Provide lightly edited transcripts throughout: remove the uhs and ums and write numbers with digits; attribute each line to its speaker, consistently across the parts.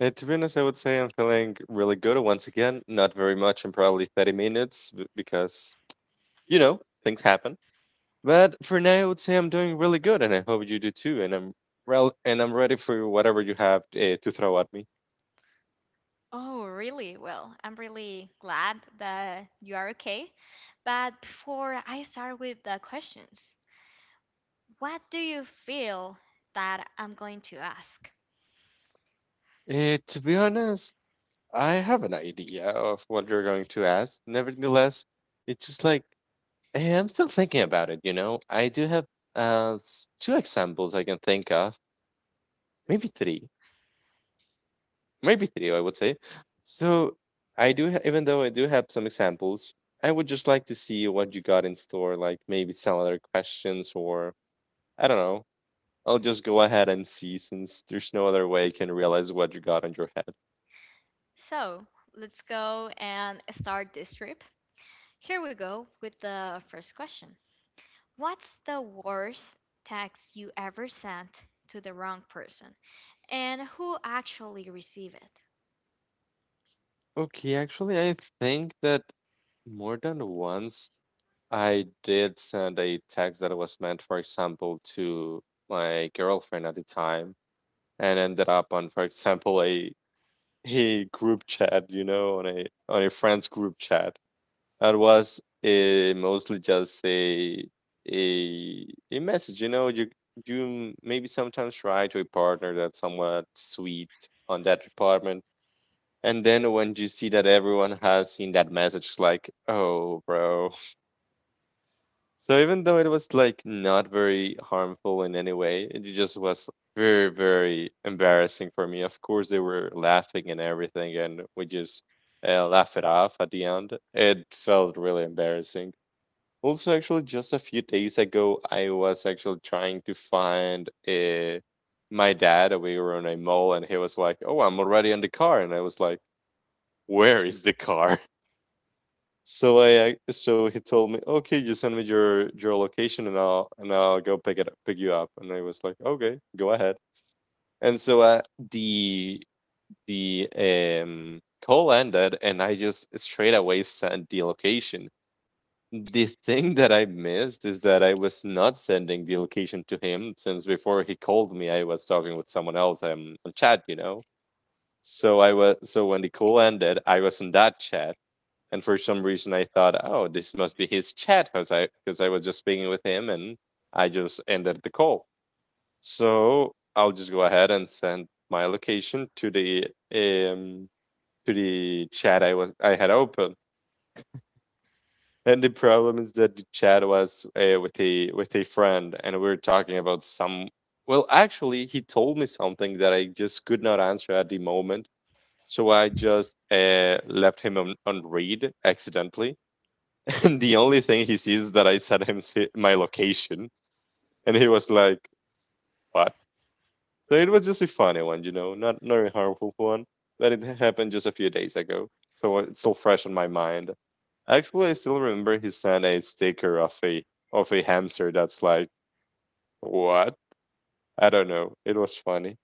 Speaker 1: And to be honest, I would say I'm feeling really good once again. Not very much in probably 30 minutes because, things happen. But for now, I would say I'm doing really good, and I hope you do too. And I'm ready for whatever you have to throw at me. To be honest, I have an idea of what you're going to ask. Nevertheless, it's just like I'm still thinking about it. I do have two examples I can think of, maybe three. Maybe three, I would say. So even though I do have some examples, I would just like to see what you got in store, like maybe some other questions, or I don't know. I'll just go ahead and see since there's no other way you can realize what you got in your head. Okay, actually, I think that more than once I did send a text that was meant, for example, to my girlfriend at the time and ended up on, for example, a group chat, on a friends group chat. That was mostly just a message, you know. You maybe sometimes write to a partner that's somewhat sweet on that department, and then when you see that everyone has seen that message, like, oh, bro, so even though it was like not very harmful in any way, it just was very, very embarrassing for me. Of course, they were laughing and everything, and we just laughed it off at the end. It felt really embarrassing. Also, actually, just a few days ago, I was actually trying to find my dad. We were in a mall, and he was like, "Oh, I'm already in the car," and I was like, "Where is the car?" So I so he told me, okay, just send me your location and I'll go pick it up, pick you up. And I was like, okay, go ahead. And so the the call ended, and I just straight away sent the location. The thing that I missed is that I was not sending the location to him since before he called me, I was talking with someone else on chat. So I was so when the call ended, I was on that chat and for some reason, I thought, oh, this must be his chat because I was just speaking with him, and I just ended the call. So I'll just go ahead and send my location to um the chat I had open. And the problem is that the chat was with a friend, and we were talking about some. Well, actually, he told me something that I just could not answer at the moment, so I just left him on read accidentally And the only thing he sees is that I sent him my location, and he was like, "What?" So it was just a funny one, not a harmful one, but it happened just a few days ago, so it's still fresh on my mind. Actually, I still remember he sent a sticker of a hamster that's like, "What?" I don't know. It was funny.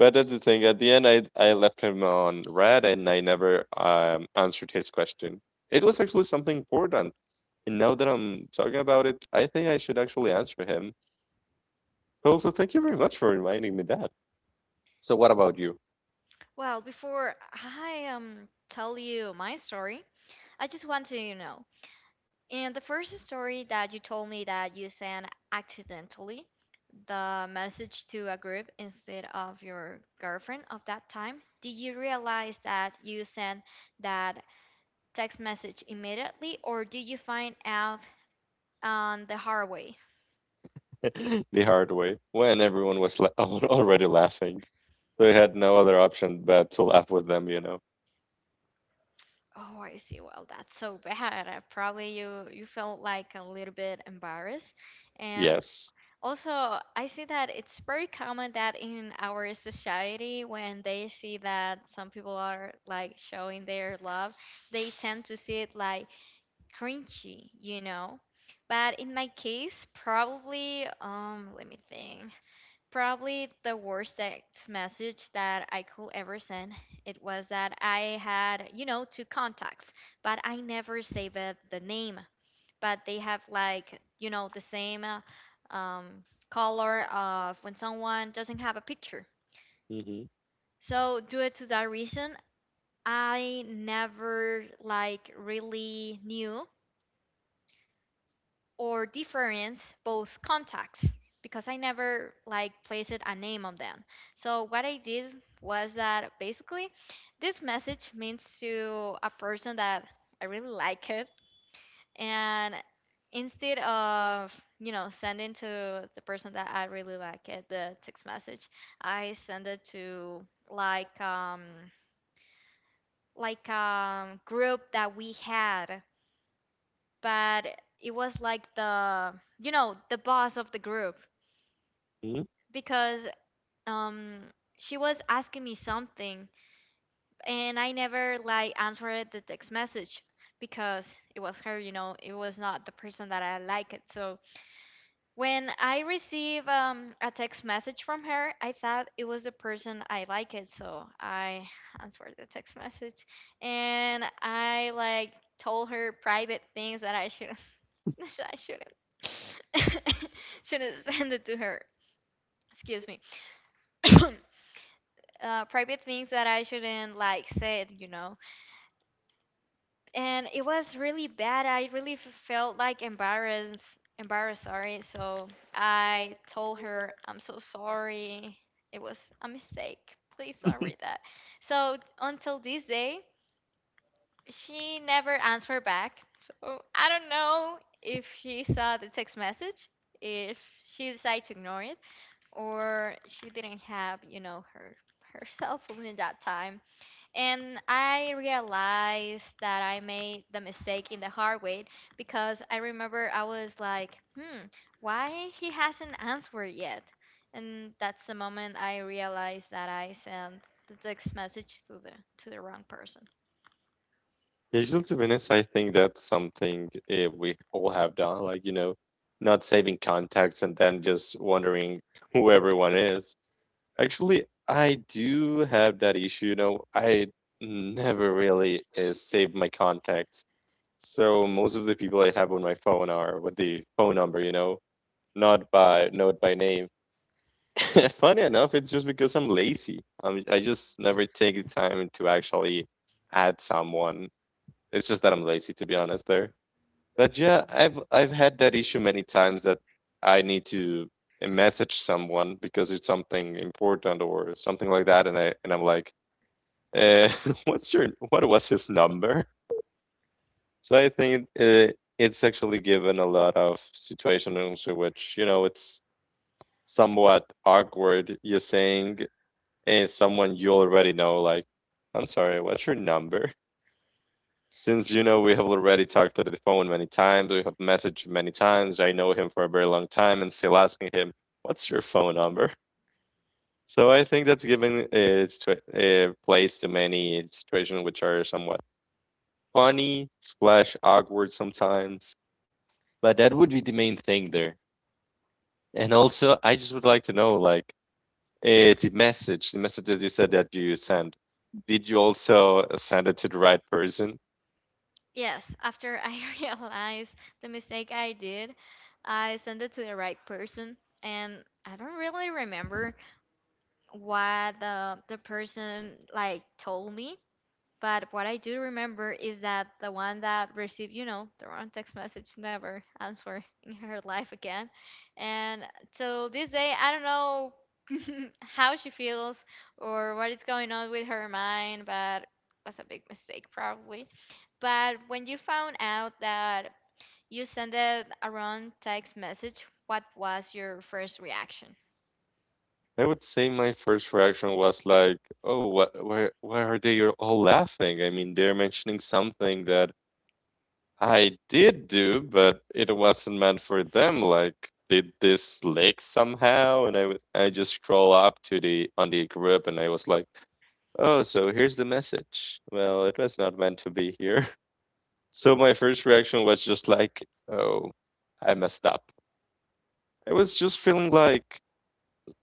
Speaker 1: But that's the thing. At the end, I left him on red, and I never answered his question. It was actually something important. And now that I'm talking about it, I think I should actually answer him. Also, thank you very much for reminding me that. So, what about you? The hard way, when everyone was already laughing. So, I had no other option but to laugh with them, you know? Yes. Mm-hmm. Mm-hmm. Usually, to be honest, I think that's something we all have done. Like, not saving contacts and then just wondering who everyone is. Actually, I do have that issue, I never really, save my contacts. So most of the people I have on my phone are with the phone number, not by name. Funny enough, it's just because I'm lazy. I just never take the time to actually add someone. It's just that I'm lazy, to be honest there. But yeah, I've had that issue many times that I need to message someone because it's something important or something like that, and I'm like, uh, what was his number? So I think it's actually given a lot of situations in which it's somewhat awkward. You're saying someone you already know, like, I'm sorry, what's your number? Since we have already talked on the phone many times, we have messaged many times. I know him for a very long time and still asking him, "What's your phone number?" So I think that's given place to many situations which are somewhat funny slash awkward sometimes. But that would be the main thing there. And also, I just would like to know, like, the message, the messages you said that you sent. Did you also send it to the right person? I would say my first reaction was like, "Oh, what, why are they all laughing?" I mean, they're mentioning something that I did do, but it wasn't meant for them. Like, did this leak somehow? And I just scroll up to the group, and I was like, "Oh, so here's the message." Well, it was not meant to be here. So my first reaction was just like, "Oh, I messed up." I was just feeling like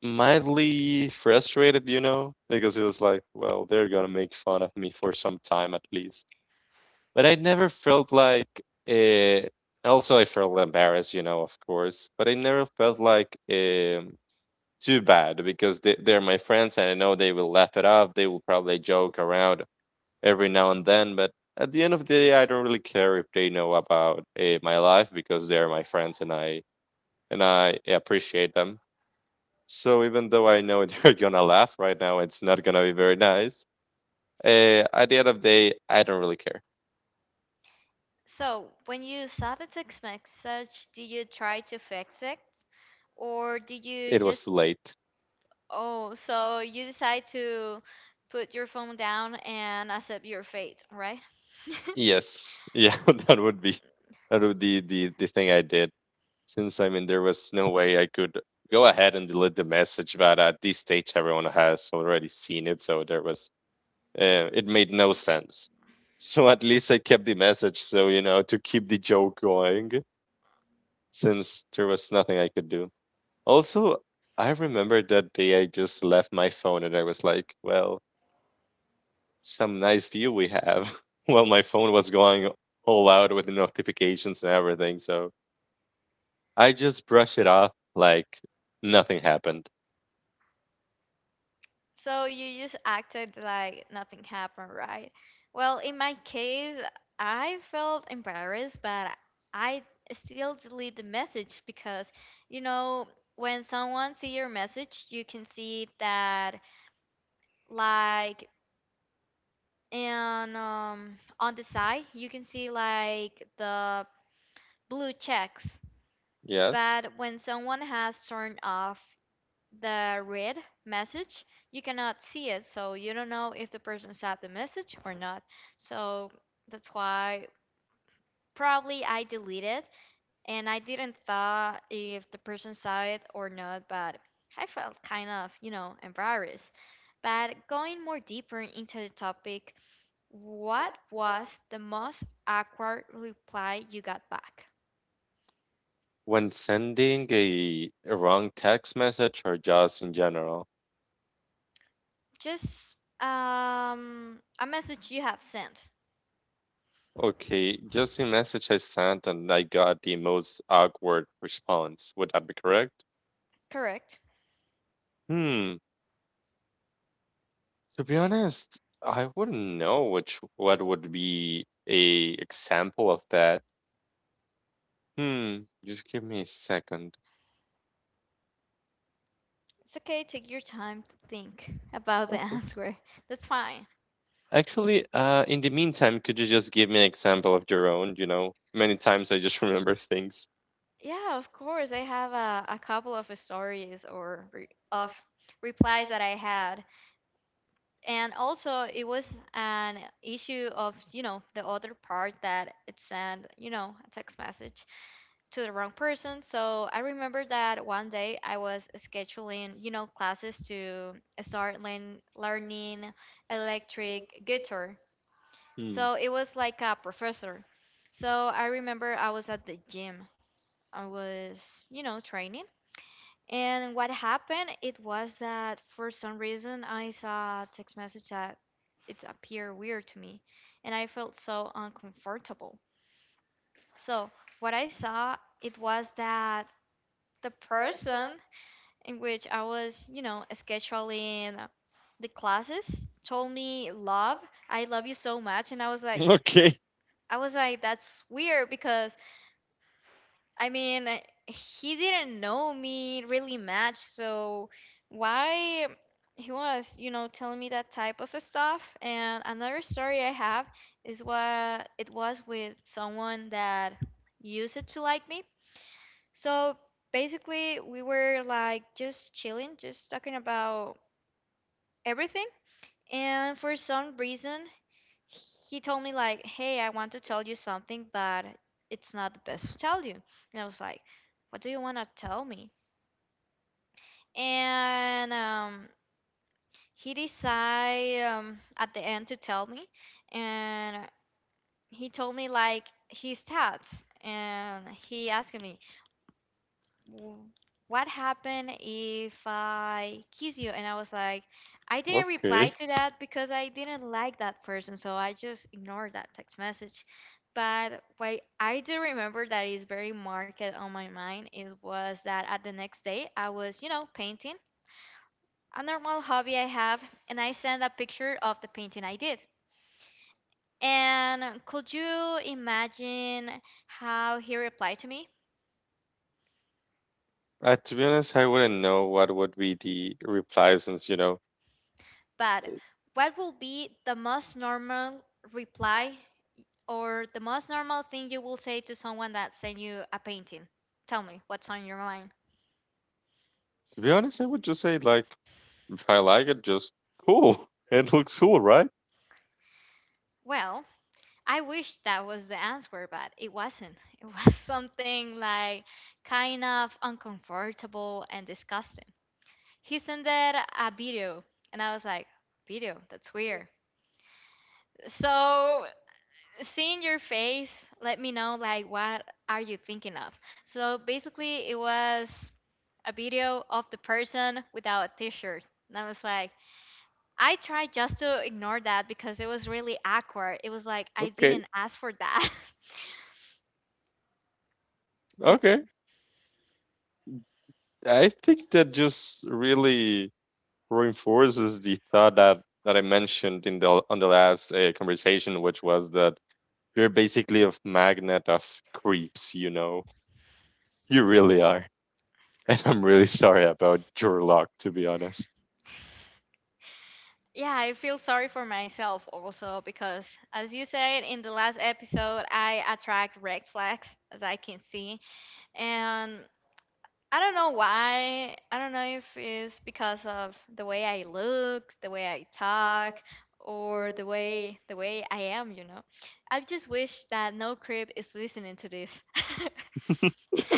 Speaker 1: mildly frustrated, because it was like, well, they're gonna make fun of me for some time at least. But I never felt like uh, also I felt embarrassed, of course, but I never felt like too bad because they're my friends and I know they will laugh it off. They will probably joke around every now and then, but at the end of the day, I don't really care if they know about my life because they're my friends and I appreciate them so even though I know you're gonna laugh right now, it's not gonna be very nice. At the end of the day, I don't really care. It was too late. Yes, yeah, that would be that would be the thing I did. Since I mean, there was no way I could go ahead and delete the message, but at this stage, everyone has already seen it, so there was it made no sense. So at least I kept the message, so to keep the joke going, since there was nothing I could do. Also, I remember that day I just left my phone and I was like, well, some nice view we have. Well, my phone was going all out with the notifications and everything, so I just brushed it off like nothing happened. Yes. When sending a wrong text message or just in general. Okay, just a message I sent and I got the most awkward response. Would that be correct? Hmm. To be honest, I wouldn't know which what would be a example of that. Hmm, just give me a second. Okay. Actually, in the meantime, could you just give me an example of your own? Many times I just remember things. Hmm. Okay. Okay. To be honest, I wouldn't know what would be the reply since, to be honest, I would just say like, if I like it, just cool. It looks cool, right? Okay. Okay. I think that just really reinforces the thought that I mentioned in the on the last conversation, which was that you're basically a magnet of creeps. You really are. And I'm really sorry about your luck, to be honest.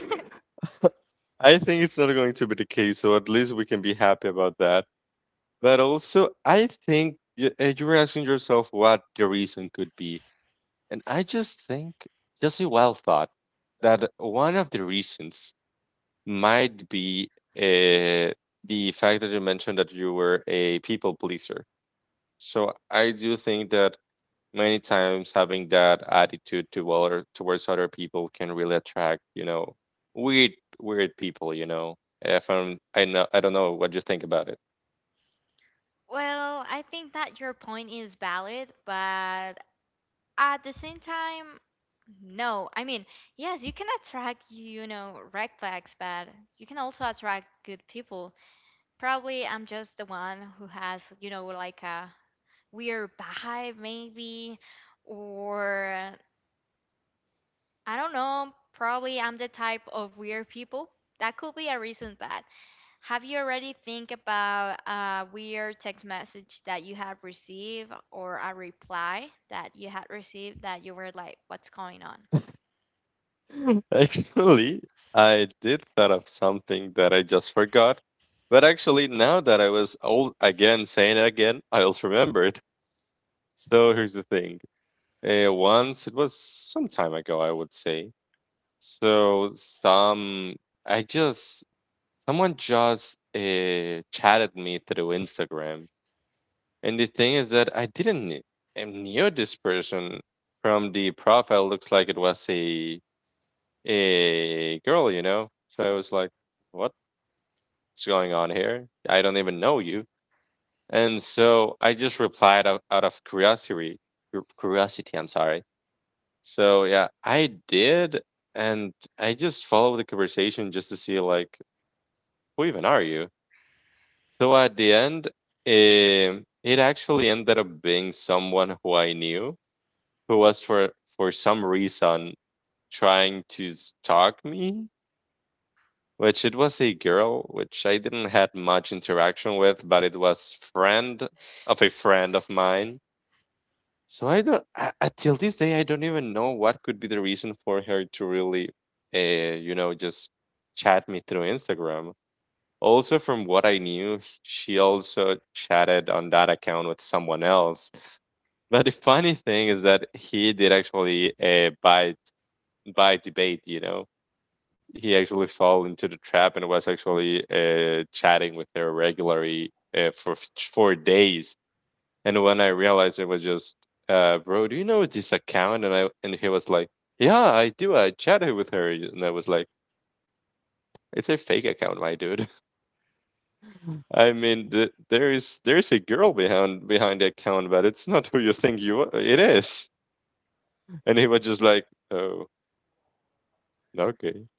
Speaker 1: I think it's not going to be the case, so at least we can be happy about that. But also, I think you were asking yourself what the reason could be, and I just think, just a well thought, that one of the reasons might be uh, the fact that you mentioned that you were a people pleaser. So I do think that many times having that attitude towards other people can really attract, weird weird people. If I don't know what you think about it. Actually, I did thought of something that I just forgot. But actually, now that I was old again, saying it again, I also remembered. So here's the thing. Once it was some time ago, I would say. So some I just Someone just chatted me through Instagram, and the thing is that I didn't kn- I knew this person from the profile. Looks like it was a girl, you know. So I was like, "What's going on here? I don't even know you." And so I just replied out of curiosity. Curiosity, I'm sorry. So yeah, I did, and I just followed the conversation just to see like who even are you. So at the end, it actually ended up being someone who I knew who was for some reason trying to stalk me. Which it was a girl, which I didn't had much interaction with, but it was friend of a friend of mine. So I don't. Till this day, I don't even know what could be the reason for her to really, you know, just chat me through Instagram. Also, from what I knew, she also chatted on that account with someone else. But the funny thing is that he did actually buy debate. You know, he actually fell into the trap and was actually chatting with her regularly for for days. And when I realized it was just, bro, do you know this account? And he was like, yeah, I do. I chatted with her, and I was like, it's a fake account, my dude. I mean, there's a girl behind the account, but it's not who you think you are. It is. And he was just like, oh, okay.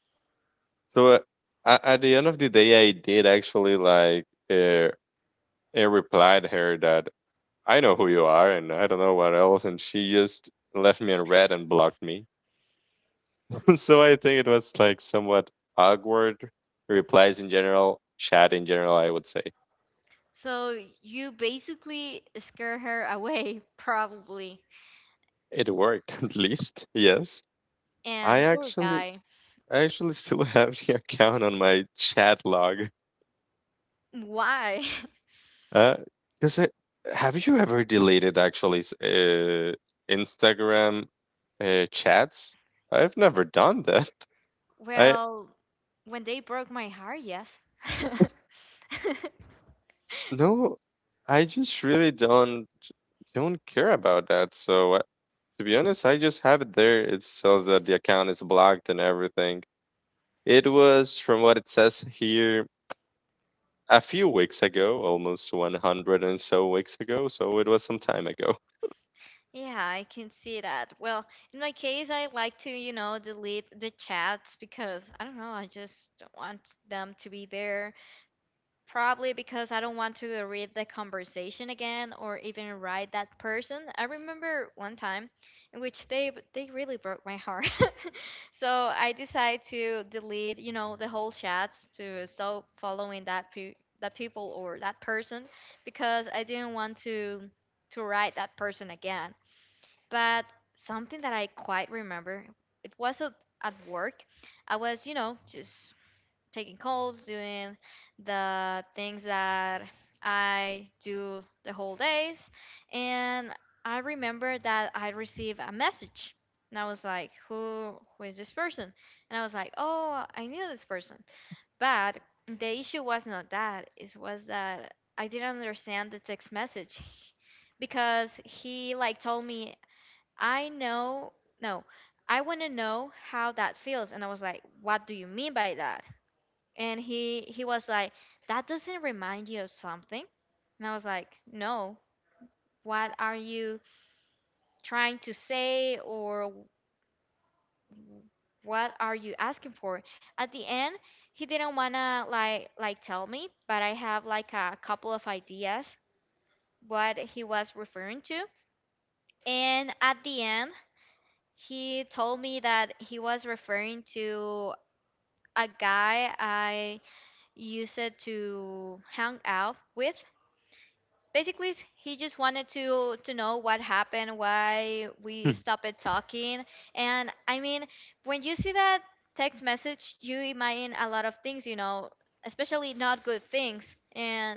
Speaker 1: So at the end of the day, I did actually like, I replied her that I know who you are, and I don't know what else, and she just left me on red and blocked me. So I think it was like somewhat awkward replies in general, chat in general, I would say. It worked at least. Yes. I actually I actually still have the account on my chat log. Uh, cuz have you ever deleted actually Instagram chats? I've never done that. I no, I just really don't care about that. To be honest, I just have it there. It says that the account is blocked and everything. It was, from what it says here, a few weeks ago, almost 100 and so weeks ago. So it was some time ago.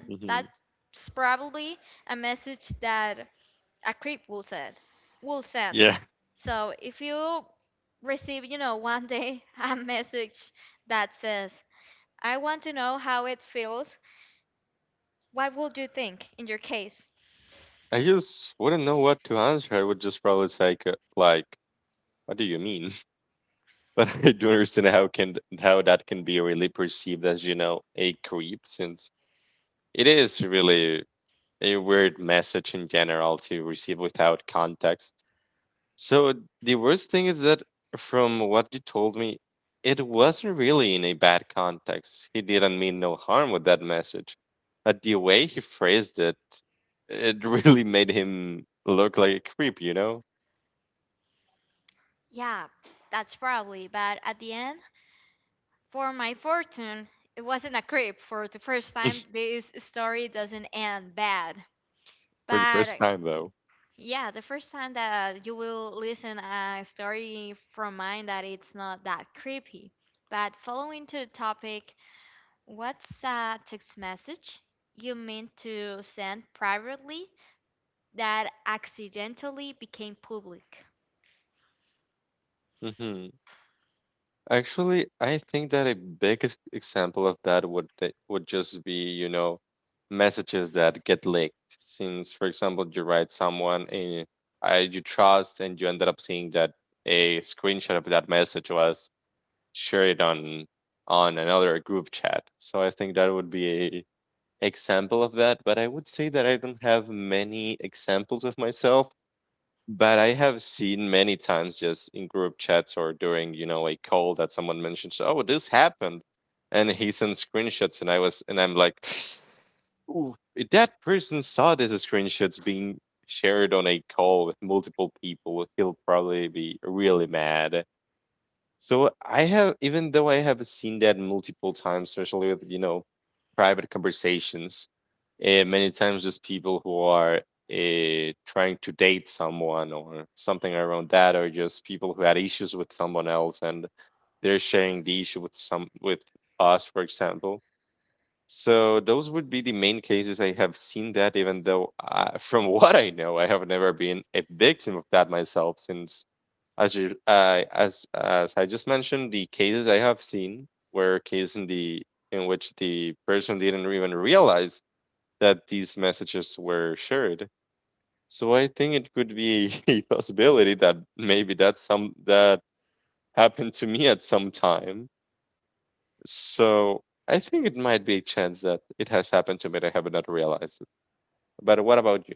Speaker 1: Mhm. Yeah. I just wouldn't know what to answer. I would just probably say, like, what do you mean? But I do understand how that can be really perceived as, you know, a creep, since it is really a weird message in general to receive without context. So the worst thing is that from what you told me, it wasn't really in a bad context. He didn't mean no harm with that message. But the way he phrased it, it really made him look like a creep, you know? For the first time though. Hmm. Actually, I think that a big example of that would just be, you know, messages that get leaked. Since, for example, you write someone and I you trust, and you ended up seeing that a screenshot of that message was shared on another group chat. So I think that would be a example of that. But I would say that I don't have many examples of myself, but I have seen many times just in group chats or during, you know, a call that someone mentions, "Oh, this happened," and he sends screenshots, and I'm like, "Ooh, if that person saw these screenshots being shared on a call with multiple people, he'll probably be really mad." So I have, even though I have seen that multiple times, especially with, you know, private conversations, many times just people who are trying to date someone or something around that, or just people who had issues with someone else and they're sharing the issue with some with us, for example. So those would be the main cases I have seen that, even though from what I know, I have never been a victim of that myself since as I just mentioned, the cases I have seen were cases in the in which the person didn't even realize that these messages were shared. So I think it could be a possibility that maybe that happened to me at some time. So I think it might be a chance that it has happened to me that I have not realized it. But what about you?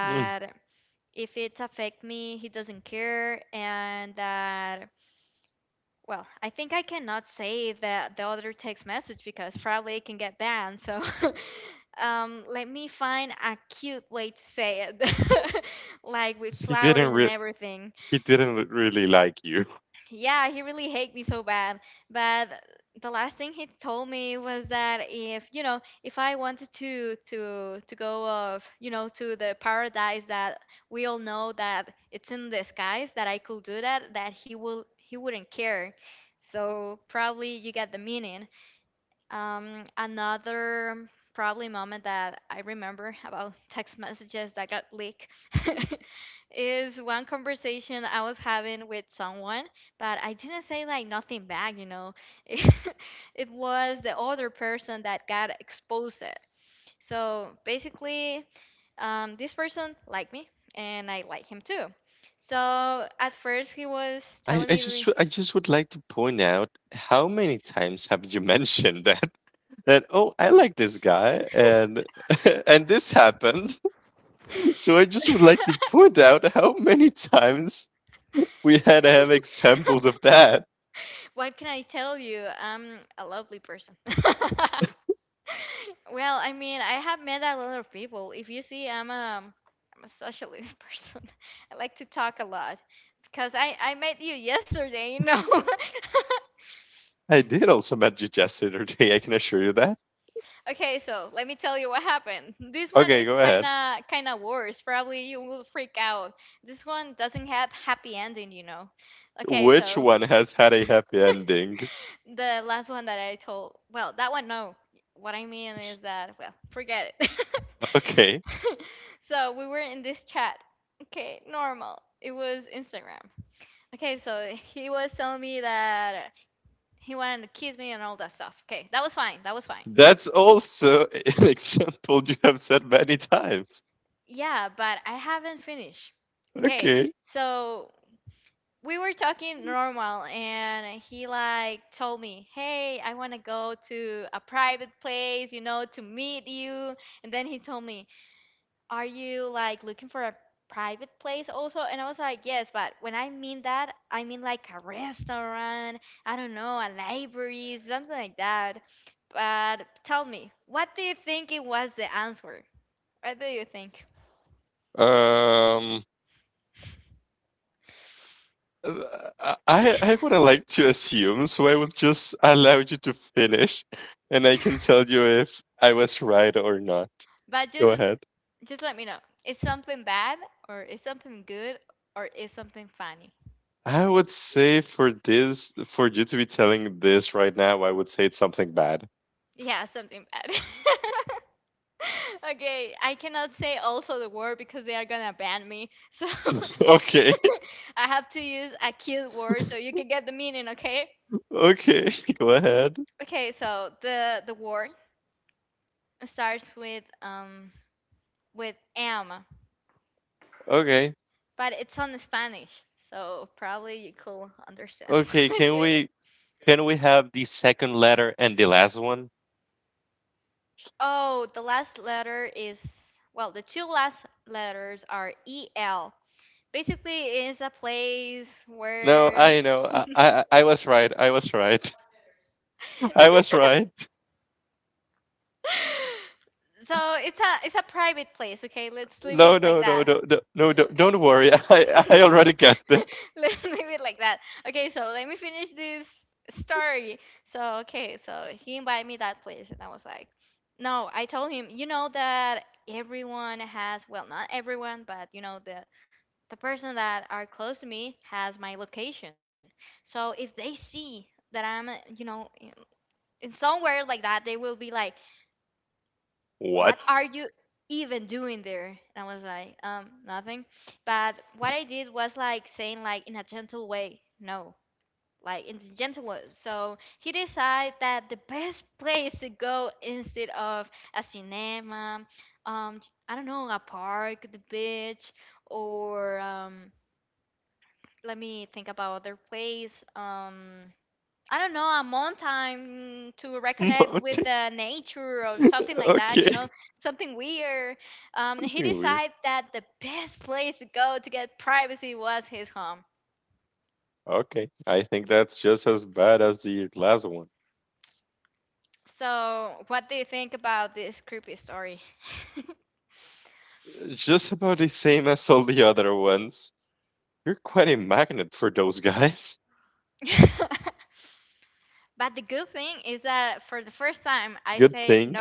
Speaker 1: Mm. He didn't re- he didn't really like you. I just would like to point out how many times have you mentioned that that oh I like this guy and and this happened. So I just would like to point out how many times we had to have examples of that. I did also met you just the other day. I can assure you that. Okay, go ahead. Which one has had a happy ending? Okay, that's also an example you have said many times. Okay. Um. I would like to assume, so I would just allow you to finish, and I can tell you if I was right or not. Go ahead. I would say for this, for you to be telling this right now, I would say it's something bad. Okay, okay, go ahead. Okay, okay. Can we have the second letter and the last one? No, I know. I was right. I was right. I was right. No, no, no. Don't, don't worry. I already guessed it. What? Mountain? Okay. We- Okay. I think that's just as bad as the last one. Just about the same as all the other ones. You're quite a magnet for those guys. Good thing.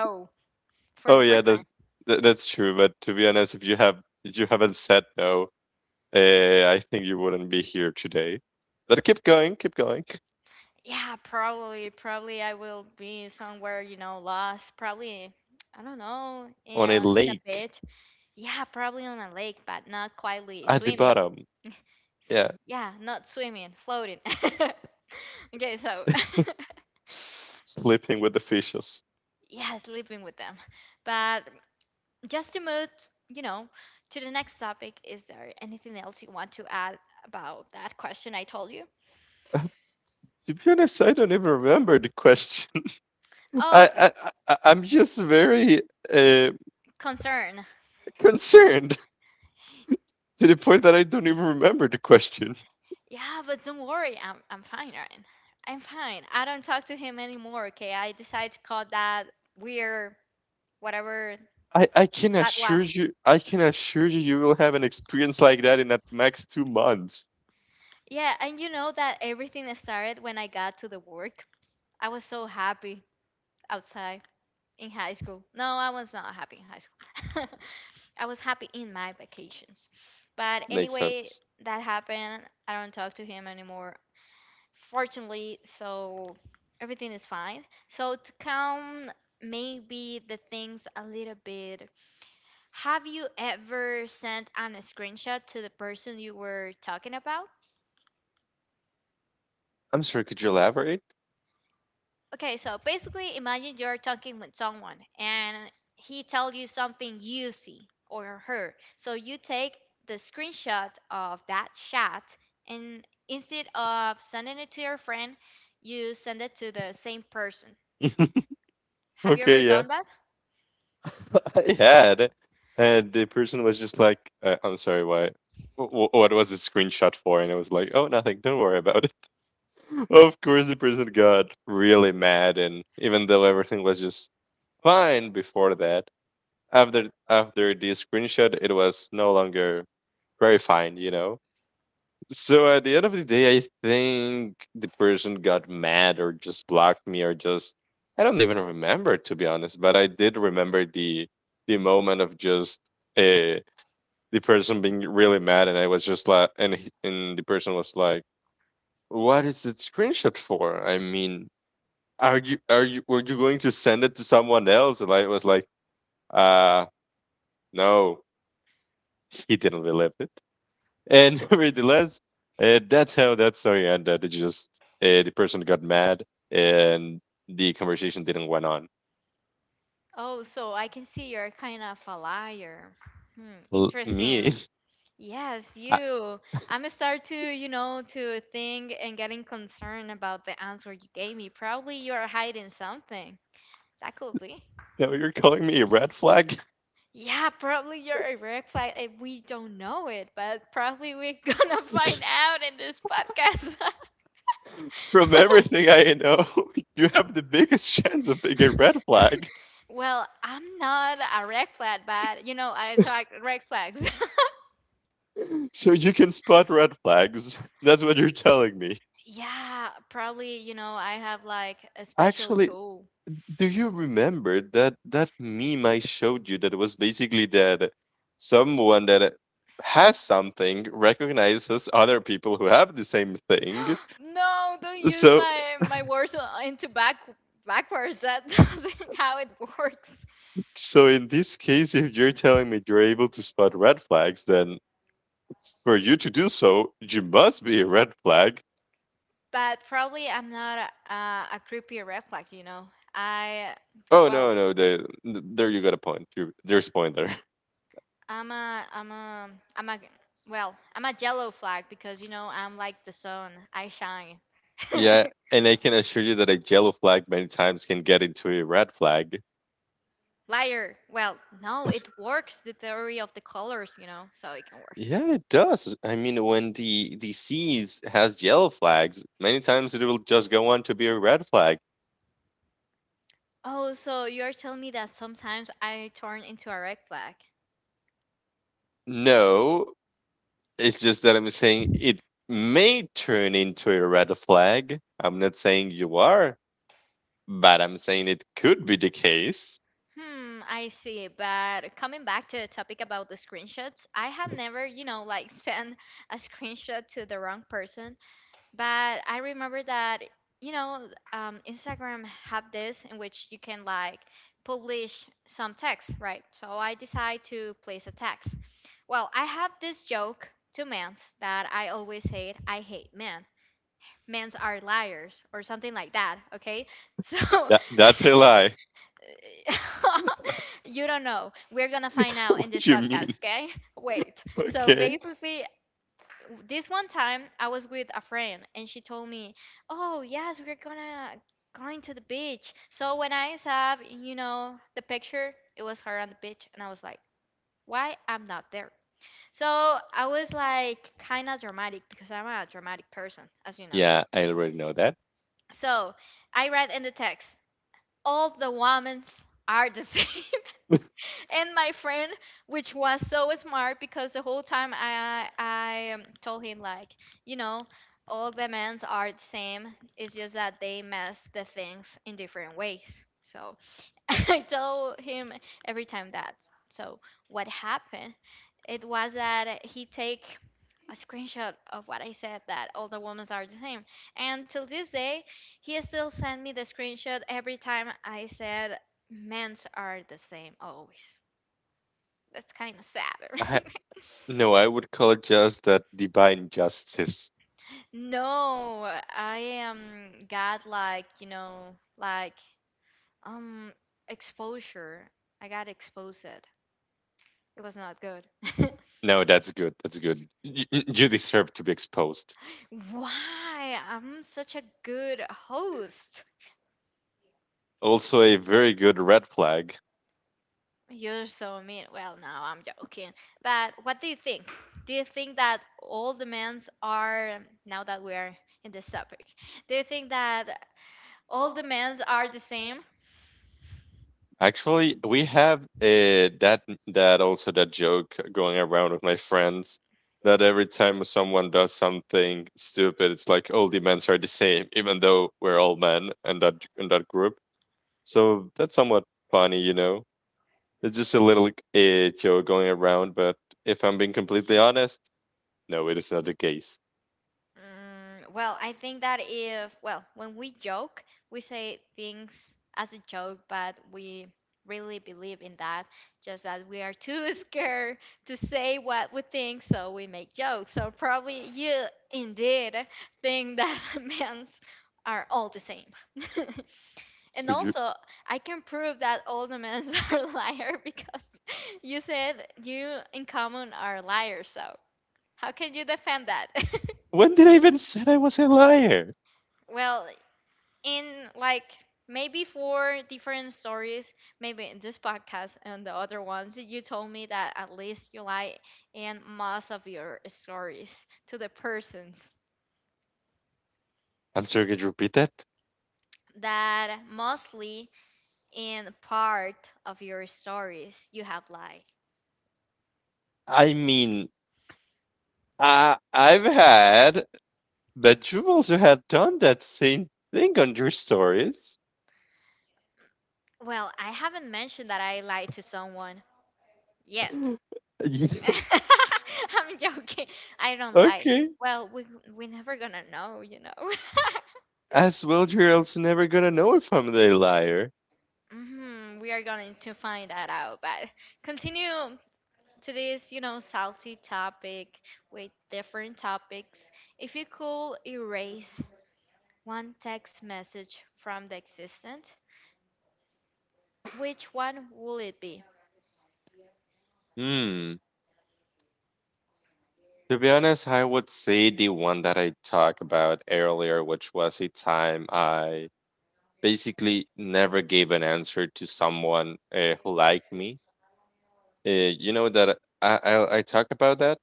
Speaker 1: Oh yeah, that's true. But to be honest, if you have if you haven't said no, I think you wouldn't be here today. But keep going, keep going. On a lake at the bottom. Yeah, sleeping with the fishes. To be honest, I don't even remember the question. I'm just very uh, concerned to the point that I don't even remember the question. I can assure you, I can assure you, you will have an experience like that in at max 2 months. Makes sense. I'm sorry, could you elaborate? Okay, yeah, I had, and the person was just like, "I'm sorry, why? What was the screenshot for?" And I was like, "Oh, nothing. Don't worry about it." Of course the person got really mad and even though everything was just fine before that, after the screenshot, it was no longer very fine, you know. So at the end of the day, I think the person got mad or just blocked me or just I don't even remember, to be honest, but I did remember the moment of just uh, the person being really mad and I was just like, and the person was like what is it screenshot for, I mean are you were you going to send it to someone else, and I was like uh no, he didn't believe it, and nevertheless that's how that story ended. It just the person got mad and the conversation didn't went on. L- me I, now you're calling me a red flag. From everything I know, you have the biggest chance of being a red flag. So you can spot red flags, that's what you're telling me actually. Do you remember that meme I showed you that was basically that someone that has something recognizes other people who have the same thing? So so in this case, if you're telling me you're able to spot red flags, then for you to do so, you must be a red flag. Oh no no the, there you got a point. There's a point there. Yeah, and I can assure you that a yellow flag many times can get into a red flag. Yeah, it does. I mean, when the seas has yellow flags, many times it will just go on to be a red flag. No, it's just that I'm saying it may turn into a red flag. I'm not saying you are, but I'm saying it could be the case. That's a lie. What you mean? Okay. Yeah, I already know that. I No, I would call it just that divine justice. No, that's good. That's good. You deserve to be exposed. Also, a very good red flag. Actually, we have that also that joke going around with my friends that every time someone does something stupid, it's like all the men are the same, even though we're all men and that in that group. So that's somewhat funny. It's just a little joke going around, but if I'm being completely honest. No, it is not the case. Sergio- When did I even said I was a liar? I'm sorry, could you repeat that? I mean, I've had, but you've also had done that same thing on your stories. You- okay. As well, you're also never gonna know if I'm the liar. Hmm. To be honest, I would say the one that I talked about earlier, which was a time I basically never gave an answer to someone who liked me. You know that I talk about that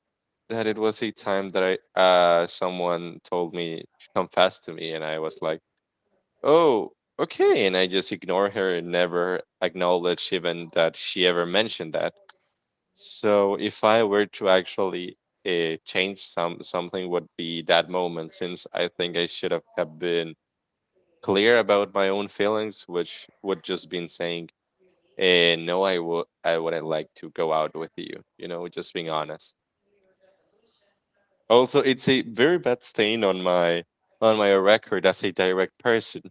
Speaker 1: that it was a time that I someone told me confessed to me and I was like, "Oh, okay." And I just ignore her and never acknowledge even that she ever mentioned that. So if I were to actually change something would be that moment, since I think I should have been clear about my own feelings, which would just been saying, "And no, I wouldn't like to go out with you you know Just being honest, also it's a very bad stain on my record as a direct person.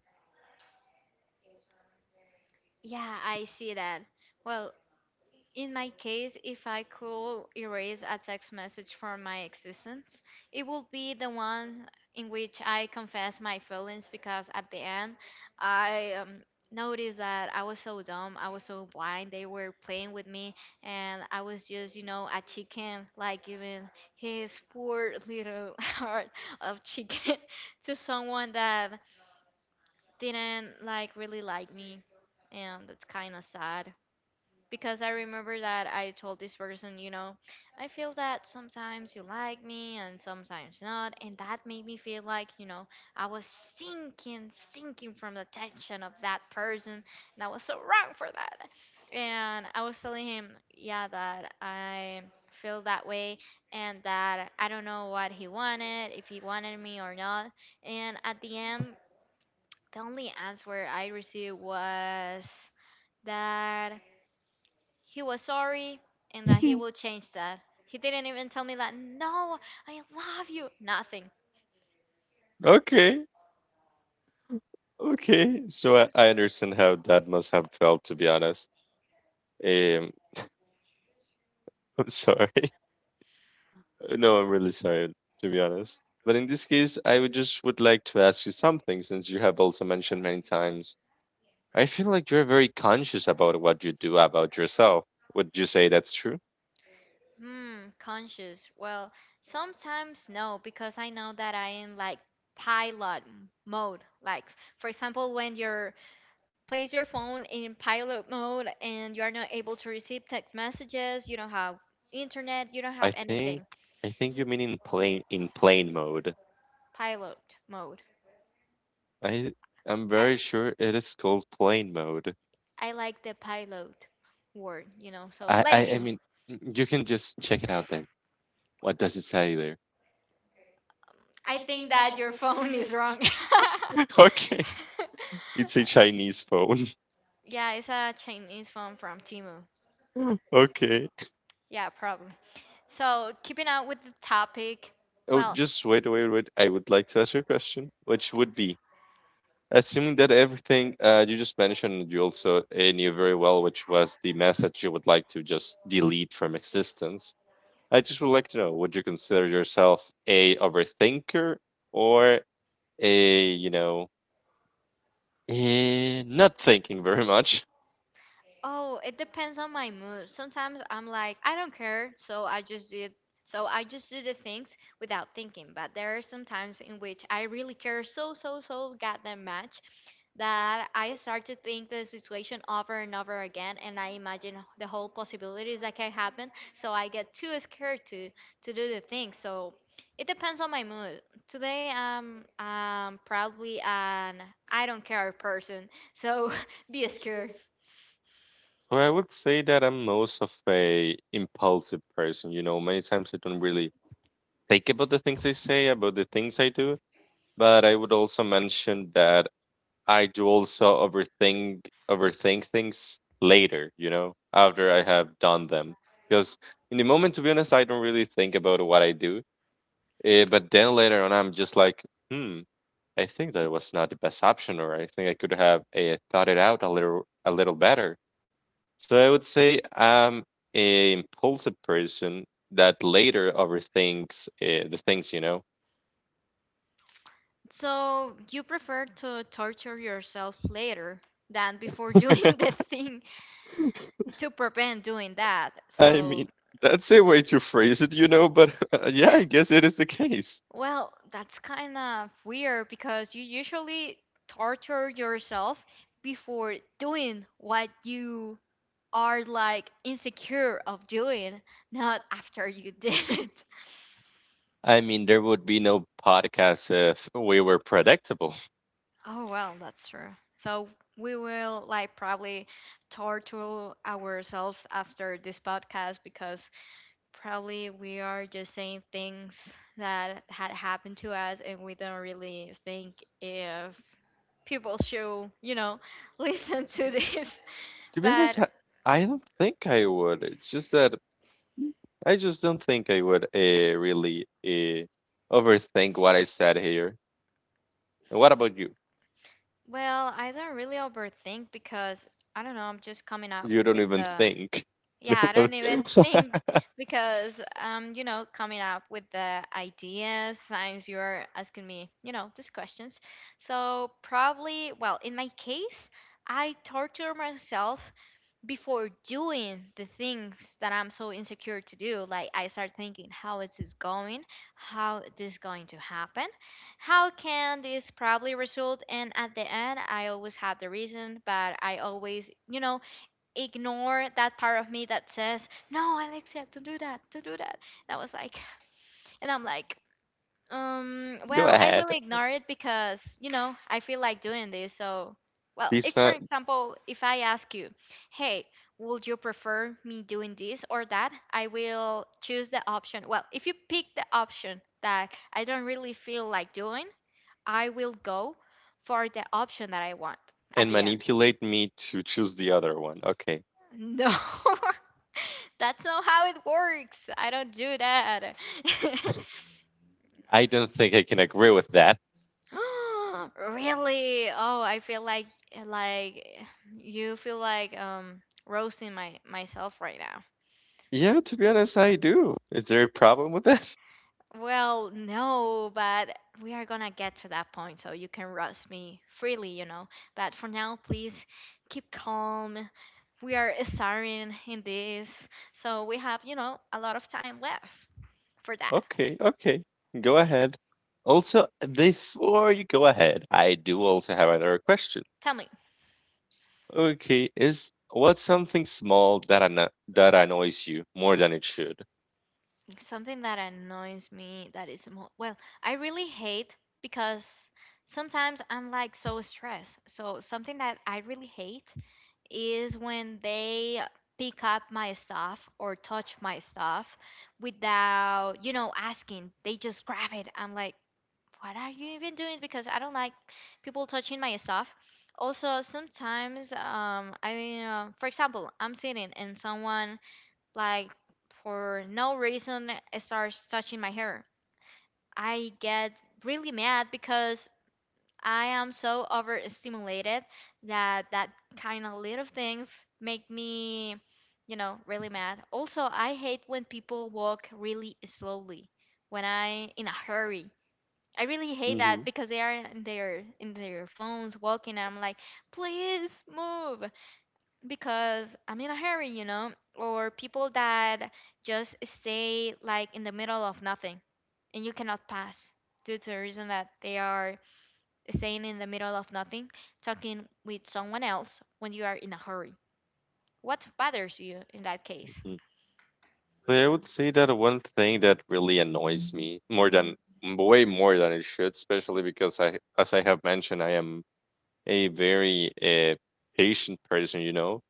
Speaker 1: Okay. Okay. So I understand how that must have felt. To be honest, um I'm sorry. No, I'm really sorry, to be honest, but in this case I would like to ask you something, since you have also mentioned many times I feel like you're very conscious about what you do about yourself. Would you say that's true? I think I think you mean in plane mode. I I'm very sure it is called plane mode. I mean, you can just check it out there. What does it say there? Okay. It's a Chinese phone. Okay. Oh, just wait, wait, wait. I would like to ask you a question, which would be, assuming that everything you just mentioned and you also knew very well, which was the message you would like to just delete from existence. I just would like to know, would you consider yourself a overthinker or a not thinking very much? So I would say that I'm most of a impulsive person. Many times I don't really think about the things I say, about the things I do. But I would also mention that I do also overthink things later, after I have done them. Because in the moment, to be honest, I don't really think about what I do. But then later on, I'm just like, hmm, I think that was not the best option, or I think I could have thought it out a little better. So I would say I'm a impulsive person that later overthinks the things. I mean, that's a way to phrase it, but yeah, I guess it is the case. I mean, there would be no podcast if we were predictable. To be honest, I don't think I would. It's just that Mm, I just don't think I would really overthink what I said here. And what about you? You don't even think. Go ahead. Decide and manipulate me to choose the other one. Okay. I don't think I can agree with that. Yeah, to be honest, I do. Is there a problem with that? Okay, okay. Go ahead. Also, before you go ahead, I do also have another question. Okay, is what's something small that that annoys you more than it should? Hmm. Hmm. So I would say that one thing that really annoys me more than way more than it should, especially because I, as I have mentioned, I am a very patient person.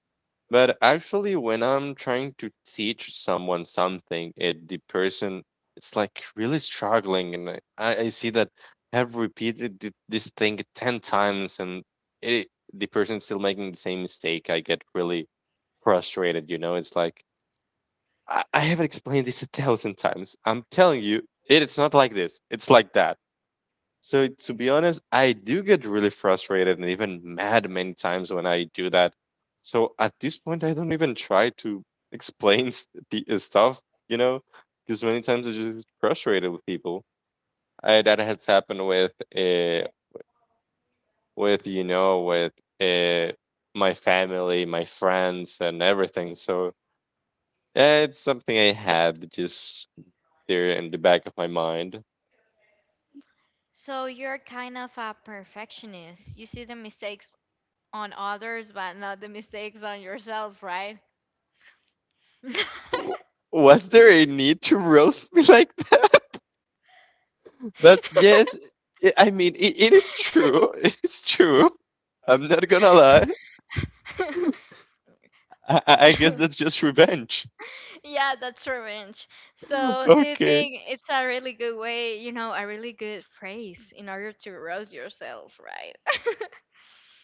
Speaker 1: But actually, when I'm trying to teach someone something, it the person it's like really struggling, and I see that I have repeated this thing 10 times, and it the person still making the same mistake. I get really frustrated. It's like I have explained this a thousand times. I'm telling you, it's not like this. It's like that. So to be honest, I do get really frustrated and even mad many times when I do that. So at this point, I don't even try to explain stuff, you know, because many times I just frustrated with people. That has happened with you know with uh, my family, my friends, and everything. So yeah, it's something I had just there in the back of my mind. W- Was there a need to roast me like that? But yes, I mean, it is true. It is true. I'm not gonna lie. I guess that's just revenge. Okay.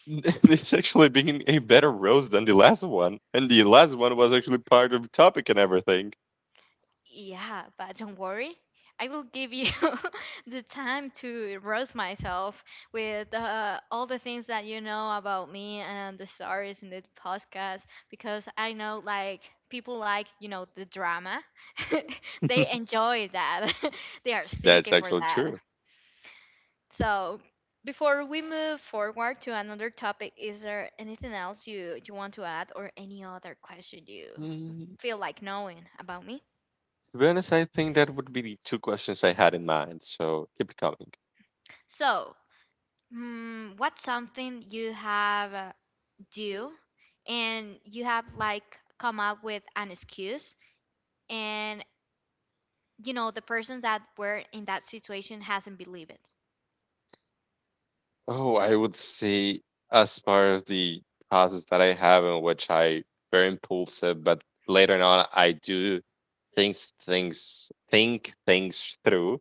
Speaker 1: It's actually being a better roast than the last one. And the last one was actually part of the topic and everything. That's actually true. Mm, to be honest, I think that would be the two questions I had in mind. So keep it coming. Oh, I would say as far as the process that I have in which I very impulsive, but later on I do things think things through,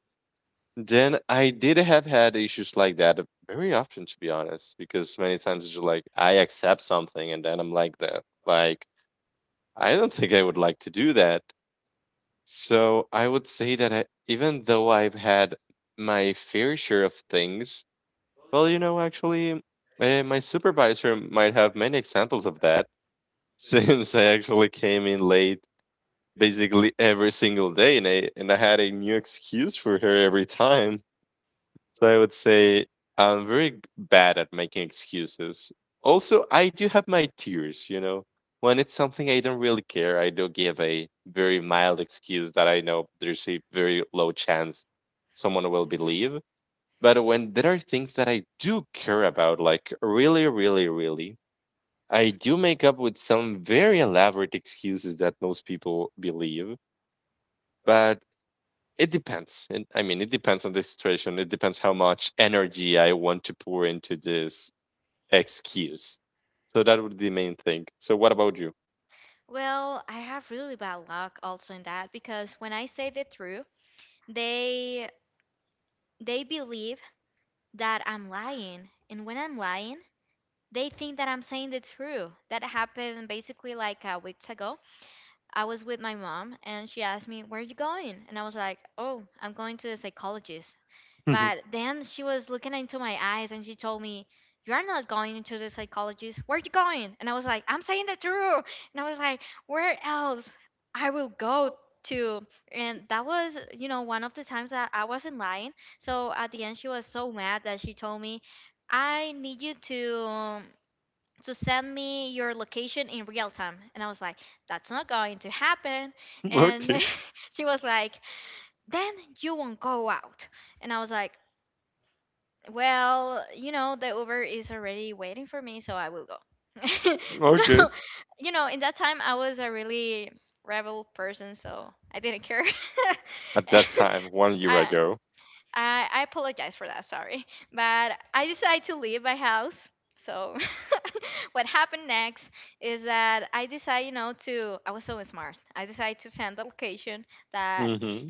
Speaker 1: then I did have had issues like that very often, to be honest, because many times it's just like I accept something and then I'm like that, like I don't think I would like to do that. So I would say that I, even though I've had my fair share of things, well, actually, my supervisor might have many examples of that since I actually came in late basically every single day and I had a new excuse for her every time. So I would say I'm very bad at making excuses. Also, I do have my tears. When it's something I don't really care, I do give a very mild excuse that I know there's a very low chance someone will believe. But when there are things that I do care about, like really, really, really, I do make up with some very elaborate excuses that most people believe. But it depends. And I mean, it depends on the situation. It depends how much energy I want to pour into this excuse. So that would be the main thing. So what about you? Mhm. Okay. Okay. At that time, one year ago. Hmm.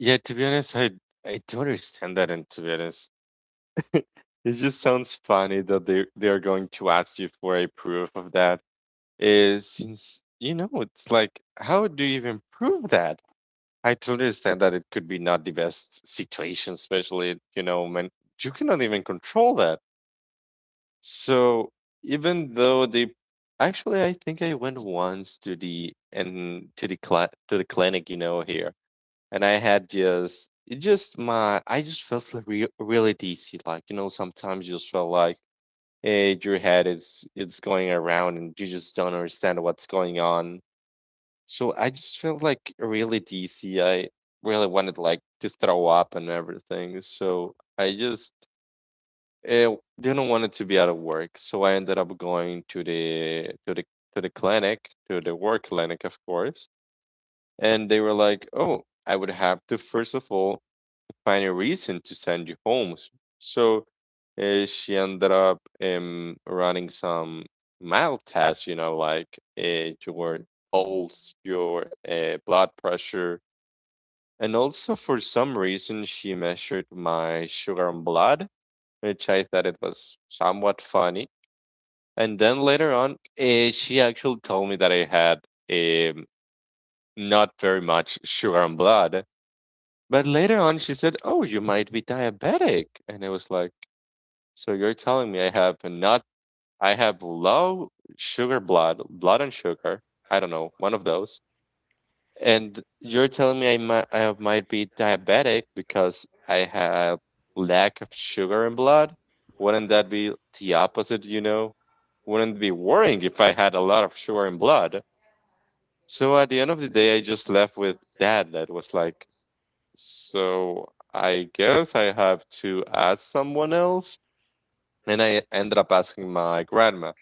Speaker 1: Yeah, to be honest, I do understand that, and to be honest, it just sounds funny that they're going to ask you for a proof of that. Is since you know, it's like, how do you even prove that? I totally understand that it could be not the best situation, especially, when you cannot even control that. So even though the actually I think I went once to the clinic, here. And I had just it just my I just felt like re really dizzy. Like, sometimes you just feel like your head is it's going around and you just don't understand what's going on, so I just felt like really dizzy. I really wanted like to throw up and everything. So I just didn't want it to be out of work. So I ended up going to the clinic, to the work clinic, of course. And they were like, "Oh, I would have to first of all find a reason to send you home." So she ended up running some mild tests, like your pulse, your blood pressure. And also, for some reason, she measured my sugar in blood, which I thought it was somewhat funny. And then later on, she actually told me that I had um, not very much sugar in blood. But later on, she said, "Oh, you might be diabetic." And I was like, "So you're telling me I have not I have low sugar blood and sugar. I don't know, one of those. And you're telling me I might be diabetic because I have lack of sugar in blood? Wouldn't that be the opposite, you know? Wouldn't it be worrying if I had a lot of sugar in blood." So at the end of the day, I just left with that. That was like, so I guess I have to ask someone else, and I ended up asking my grandma.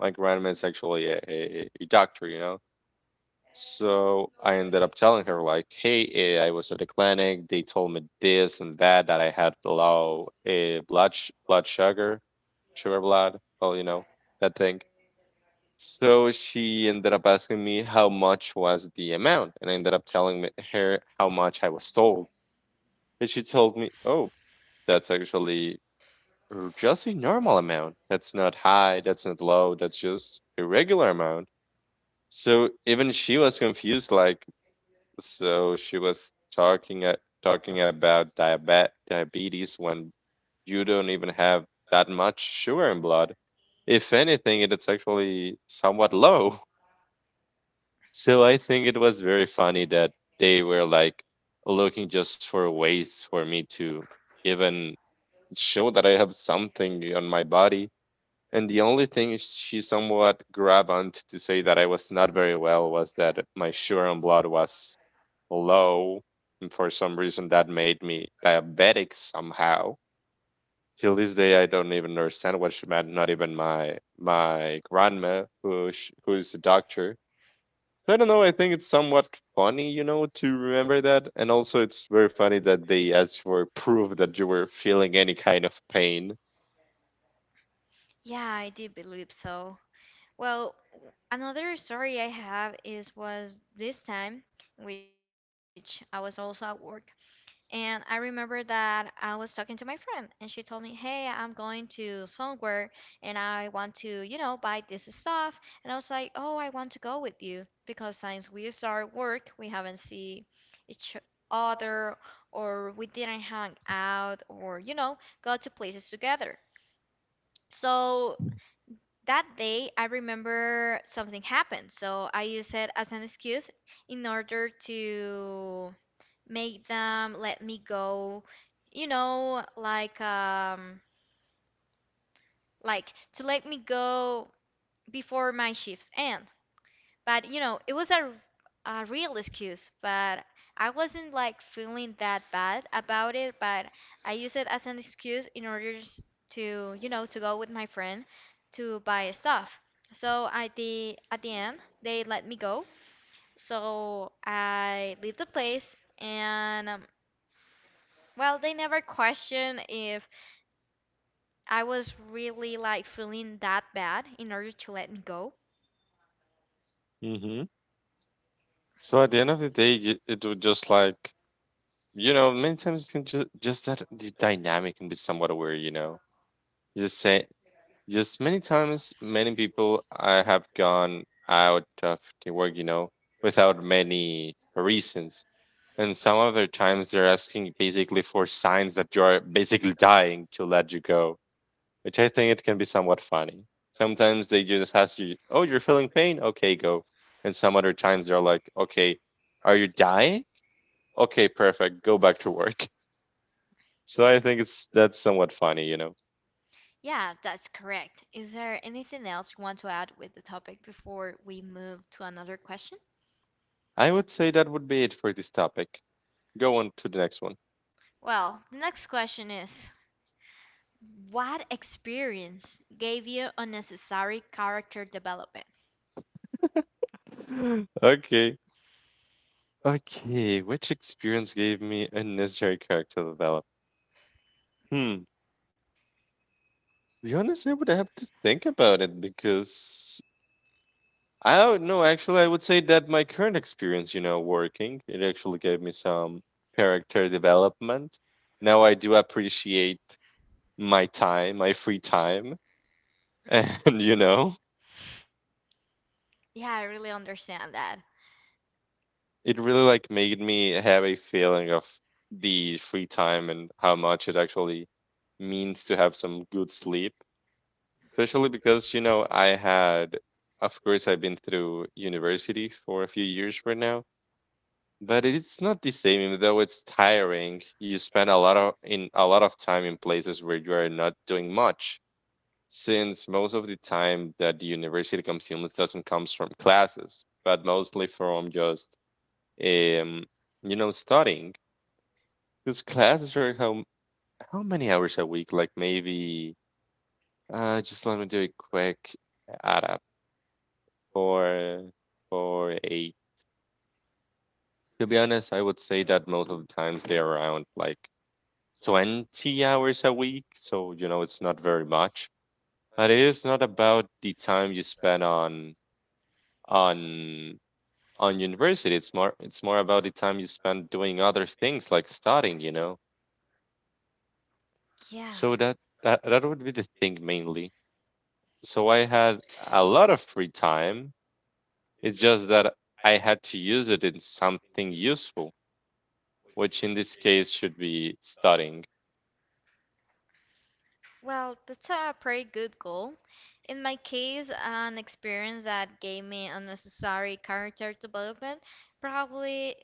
Speaker 1: My grandma is actually a doctor, you know. So I ended up telling her like, "Hey, I was at the clinic. They told me this and that, that I had low blood blood sugar, sugar blood. Well, you know that thing." So she ended up asking me how much was the amount, and I ended up telling her how much I was told. And she told me, "Oh, that's actually or just a normal amount. That's not high, that's not low, that's just a regular amount." So even she was confused, like, so she was talking talking about diabetes when you don't even have that much sugar in blood. If anything, it is actually somewhat low. So I think it was very funny that they were like looking just for ways for me to even show that I have something on my body. And the only thing she somewhat grabbed onto to say that I was not very well was that my sugar and blood was low. And for some reason, that made me diabetic somehow. Till this day, I don't even understand what she meant. Not even my grandma, who who is a doctor. I don't know. I think it's somewhat funny, you know, to remember that. And also, it's very funny that they asked for proof that you were feeling any kind of pain.
Speaker 2: Yeah, I do believe so. Well, another story I have is was this time, which I was also at work, and I remember that I was talking to my friend, and she told me, "Hey, I'm going to somewhere, and I want to, you know, buy this stuff." And I was like, "Oh, I want to go with you because since we start work, we haven't seen each other, or we didn't hang out, or you know, go to places together." So that day, I remember something happened, so I used it as an excuse in order to make them let me go, you know, like um like to let me go before my shifts end. But it was a real excuse, but I wasn't like feeling that bad about it, but I used it as an excuse in order to go with my friend to buy stuff. So at the end, they let me go. So I leave the place and well, they never questioned if I was really like feeling that bad in order to let me go.
Speaker 1: Mm-hmm. So at the end of the day, it would just like, you know, many times it can just that the dynamic can be somewhat aware, you know. Just say, just many times, many people I have gone out of the work, you know, without many reasons. And some other times they're asking basically for signs that you're basically dying to let you go, which I think it can be somewhat funny. Sometimes they just ask you, "Oh, you're feeling pain? Okay, go." And some other times they're like, "Okay, are you dying? Okay, perfect. Go back to work." So I think it's that's somewhat funny, you know.
Speaker 2: Yeah, that's correct. Is there anything else you want to add with the topic before we move to another question?
Speaker 1: I would say that would be it for this topic. Go on to the next one.
Speaker 2: Well, the next question is, what experience gave you unnecessary character development?
Speaker 1: Okay. Okay, which experience gave me unnecessary character development? Hmm. To be honest, I would have to think about it because I don't know. Actually, I would say that my current experience, you know, working, it actually gave me some character development. Now I do appreciate my time, my free time, and you know,
Speaker 2: Yeah, I really understand that.
Speaker 1: it really like made me have a feeling of the free time and how much it actually means to have some good sleep, especially because you know I had, of course, I've been through university for a few years right now. But it's not the same, even though it's tiring. You spend a lot of in a lot of time in places where you are not doing much, since most of the time that the university consumes doesn't comes from classes, but mostly from just um, you know, studying. Because classes are how many hours a week? Like maybe just let me do a quick add up for eight. To be honest, I would say that most of the times they're around like 20 hours a week, so you know it's not very much. But it is not about the time you spend on on university. It's more, it's more about the time you spend doing other things like studying, you know.
Speaker 2: Yeah.
Speaker 1: So that would be the thing mainly. So I had a lot of free time. It's just that I had to use it in something useful, which in this case should be studying.
Speaker 2: Well, that's a pretty good goal. In my case, an experience that gave me unnecessary character development probably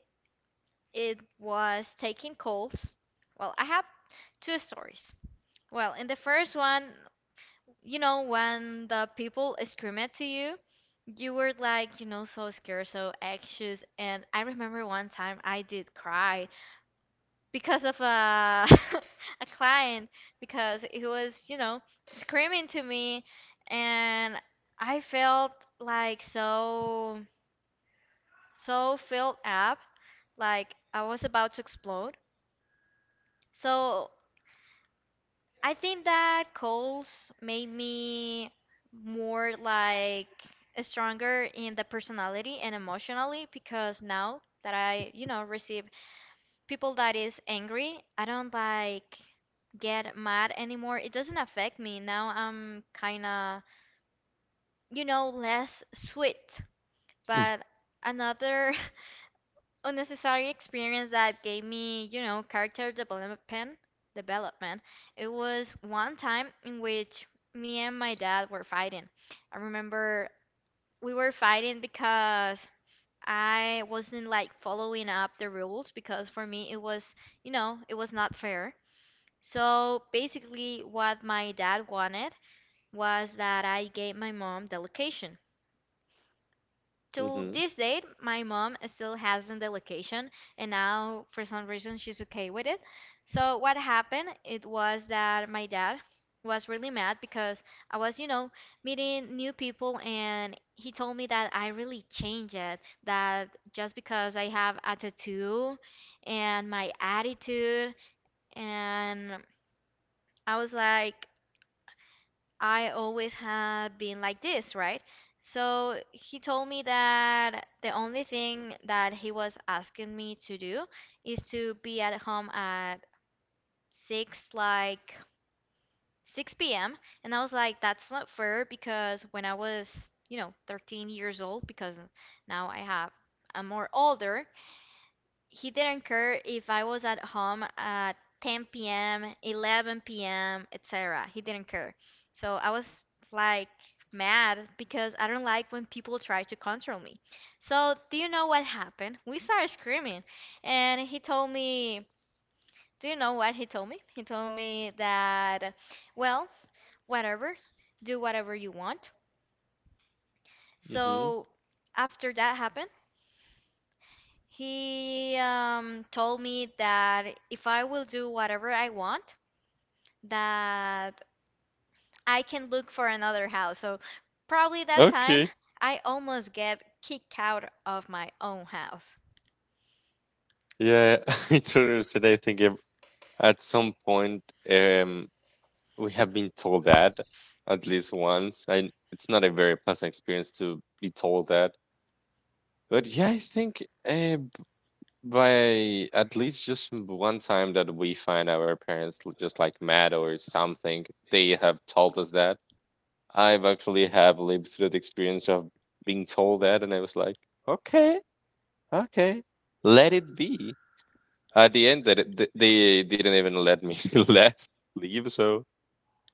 Speaker 2: it was taking calls. Well, I have two stories. Well, in the first one, when the people scream it to you, you were like, so scared, so anxious. And I remember one time I did cry because of a a client because he was screaming to me, and I felt like so filled up, like I was about to explode. So I think that Coles made me more like stronger in the personality and emotionally because now that I receive people that is angry, I don't like get mad anymore. It doesn't affect me. Now I'm kind of less sweet. But another unnecessary experience that gave me character development. It was one time in which me and my dad were fighting. I remember we were fighting because I wasn't like following up the rules because for me it was not fair. So basically, what my dad wanted was that I gave my mom the location. To
Speaker 1: Mm-hmm.
Speaker 2: this date, my mom still hasn't the location, and now for some reason she's okay with it. So what happened? It was that my dad was really mad because I was meeting new people, and he told me that I really changed it. That just because I have a tattoo and my attitude, and I was like, I always had been like this, right? So he told me that the only thing that he was asking me to do is to be at home at 6 like 6 p.m., and I was like, that's not fair because when I was 13 years old, because now I'm more older, he didn't care if I was at home at 10 p.m., 11 p.m., etc. He didn't care. So I was like mad because I don't like when people try to control me. So, do you know what happened? We started screaming, and he told me, do you know what he told me? He told me that, well, whatever, do whatever you want.
Speaker 1: Mm-hmm.
Speaker 2: So, after that happened, he told me that if I will do whatever I want, that I can look for another house. So probably that time
Speaker 1: Okay.
Speaker 2: I almost get kicked out of my own house.
Speaker 1: Yeah, I totally said I think at some point, um, we have been told that at least once. It's not a very pleasant experience to be told that. But yeah, I think uh, b- by at least just one time that we find our parents just like mad or something, they have told us that. I've actually have lived through the experience of being told that, and I was like, okay, okay, let it be. At the end, that they didn't even let me left leave, so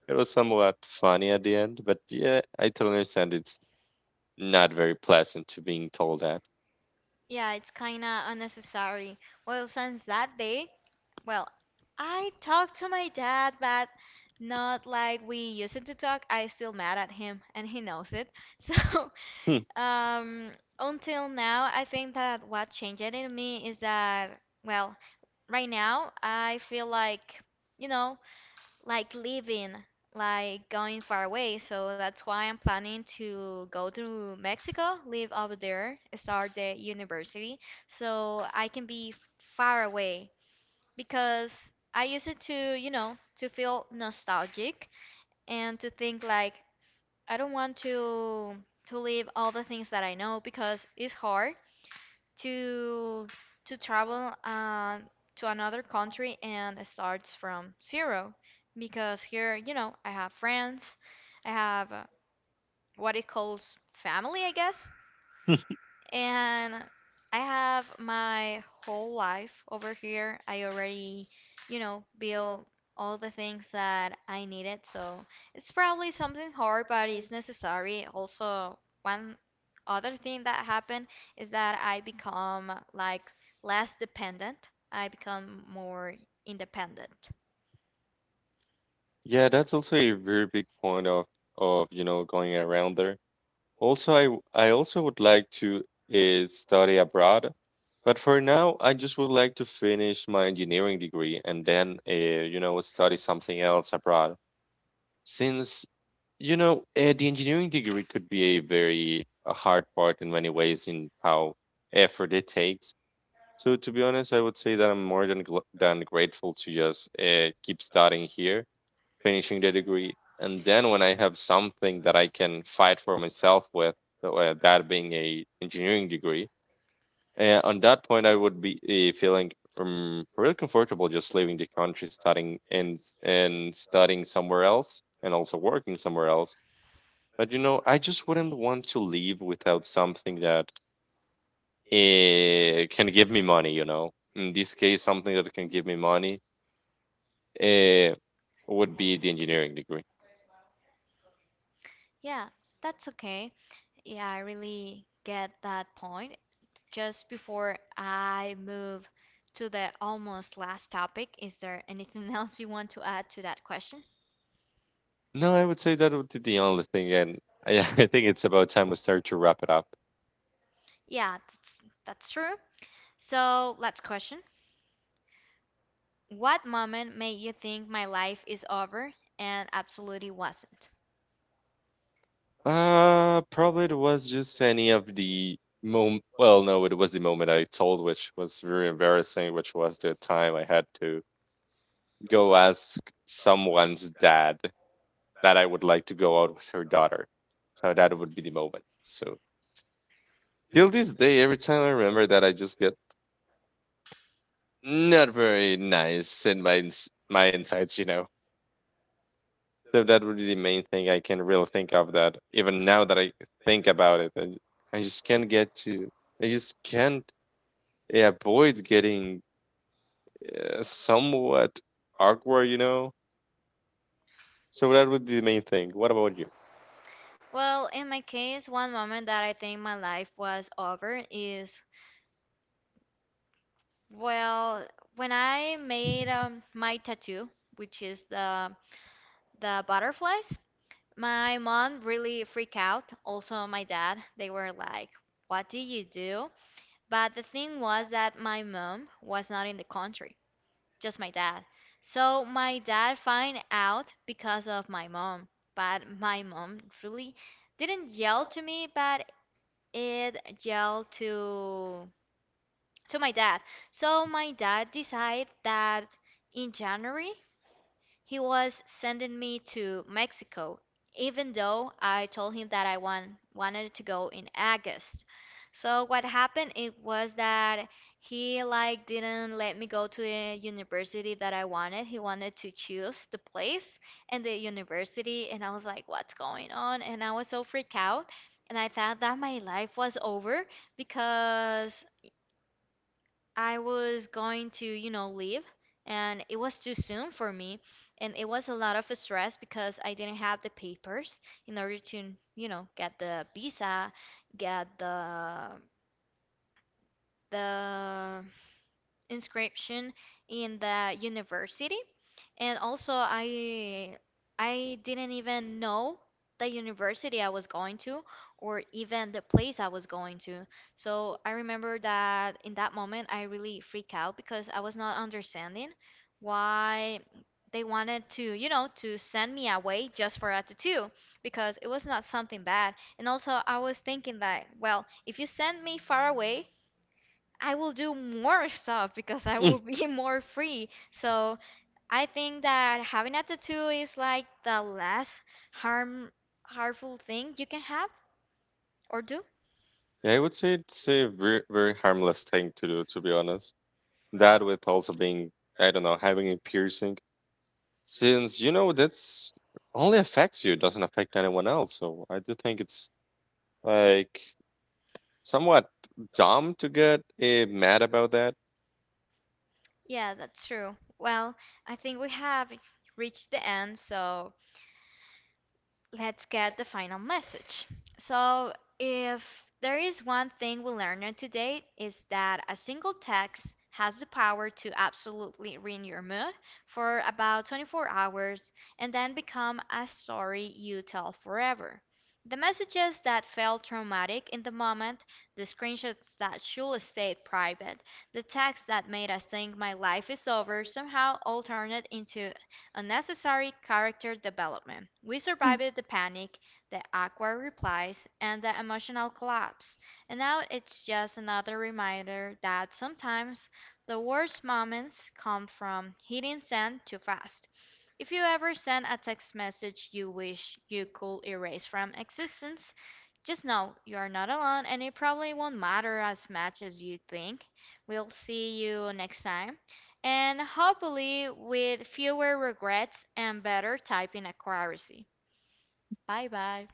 Speaker 1: it was somewhat funny at the end, but yeah, I totally understand it's not very pleasant to being told that.
Speaker 2: Yeah, it's kind of unnecessary. Well, since that day, well, I talked to my dad, but not like we used to talk. I still mad at him, and he knows it. So
Speaker 1: Hmm.
Speaker 2: Um, until now, I think that what changed it in me is that, well, right now I feel you know, like leaving, like going far away. So that's why I'm planning to go to Mexico, live over there, start the university, so I can be far away. Because I used it to feel nostalgic and to think like, I don't want to leave all the things that I know because it's hard to to travel to another country and it starts from zero because here, I have friends, I have what it calls family, I guess, and I have my whole life over here. I already built all the things that I needed. So it's probably something hard, but it's necessary. Also, one other thing that happened is that I become like less dependent. I become more independent.
Speaker 1: Yeah, that's also a very big point of you know going around there. Also, I also would like to study abroad, but for now, I just would like to finish my engineering degree and then you know study something else abroad. Since you know the engineering degree could be a very hard part in many ways in how effort it takes. So to be honest, I would say that I'm more than grateful to just keep studying here, finishing the degree, and then when I have something that I can fight for myself with, so, that being a engineering degree, on that point I would be feeling really comfortable just leaving the country, studying and studying somewhere else, and also working somewhere else. But you know, I just wouldn't want to leave without something that can give me money, you know. In this case, something that can give me money eh, would be the engineering degree.
Speaker 2: Yeah, that's okay. Yeah, I really get that point. Just before I move to the almost last topic, is there anything else you want to add to that question?
Speaker 1: No, I would say that would be the only thing, and I think it's about time we start to wrap it up.
Speaker 2: Yeah, that's true. So, last question. What moment made you think my life is over and absolutely wasn't?
Speaker 1: Probably it was just any of the moment. Well, no, it was the moment I told, which was very embarrassing, which was the time I had to go ask someone's dad that I would like to go out with her daughter. So that would be the moment. So till this day, every time I remember that, I just get not very nice in my my insights, you know. So that would be the main thing I can really think of. That even now that I think about it, I just can't get to. I just can't avoid getting somewhat awkward, you know. So that would be the main thing. What about you?
Speaker 2: Well, in my case, one moment that I think my life was over is, well, when I made my tattoo, which is the butterflies. My mom really freaked out. Also, my dad. They were like, "What do you do?" But the thing was that my mom was not in the country, just my dad. So my dad find out because of my mom. But my mom really didn't yell to me, but it yelled to my dad. So my dad decided that in January he was sending me to Mexico, even though I told him that I wanted to go in August. So what happened it was that he like didn't let me go to the university that I wanted. He wanted to choose the place and the university, and I was like, what's going on? And I was so freaked out and I thought that my life was over because I was going to leave, and it was too soon for me, and it was a lot of stress because I didn't have the papers in order to get the visa, get the inscription in the university, and also I didn't even know the university I was going to or even the place I was going to. So I remember that in that moment I really freaked out because I was not understanding why they wanted to you know to send me away just for a tattoo, because it was not something bad. And also I was thinking that, well, if you send me far away, I will do more stuff because I
Speaker 1: Mm.
Speaker 2: will be more free. So I think that having a tattoo is like the less harm harmful thing you can have or do.
Speaker 1: Yeah, I would say it's a very very harmless thing to do, to be honest. That with also being, I don't know, having a piercing. Since you know that's only affects you, it doesn't affect anyone else. So I do think it's like somewhat dumb to get mad about that.
Speaker 2: Yeah, that's true. Well, I think we have reached the end, so let's get the final message. So, if there is one thing we learned today is that a single text has the power to absolutely ruin your mood for about 24 hours and then become a story you tell forever. The messages that felt traumatic in the moment, the screenshots that should stay private, the text that made us think my life is over somehow all turned into unnecessary character development. We survived the panic, the awkward replies, and the emotional collapse. And now it's just another reminder that sometimes the worst moments come from hitting send too fast. If you ever send a text message you wish you could erase from existence, just know you are not alone and it probably won't matter as much as you think. We'll see you next time and hopefully with fewer regrets and better typing accuracy. Bye bye.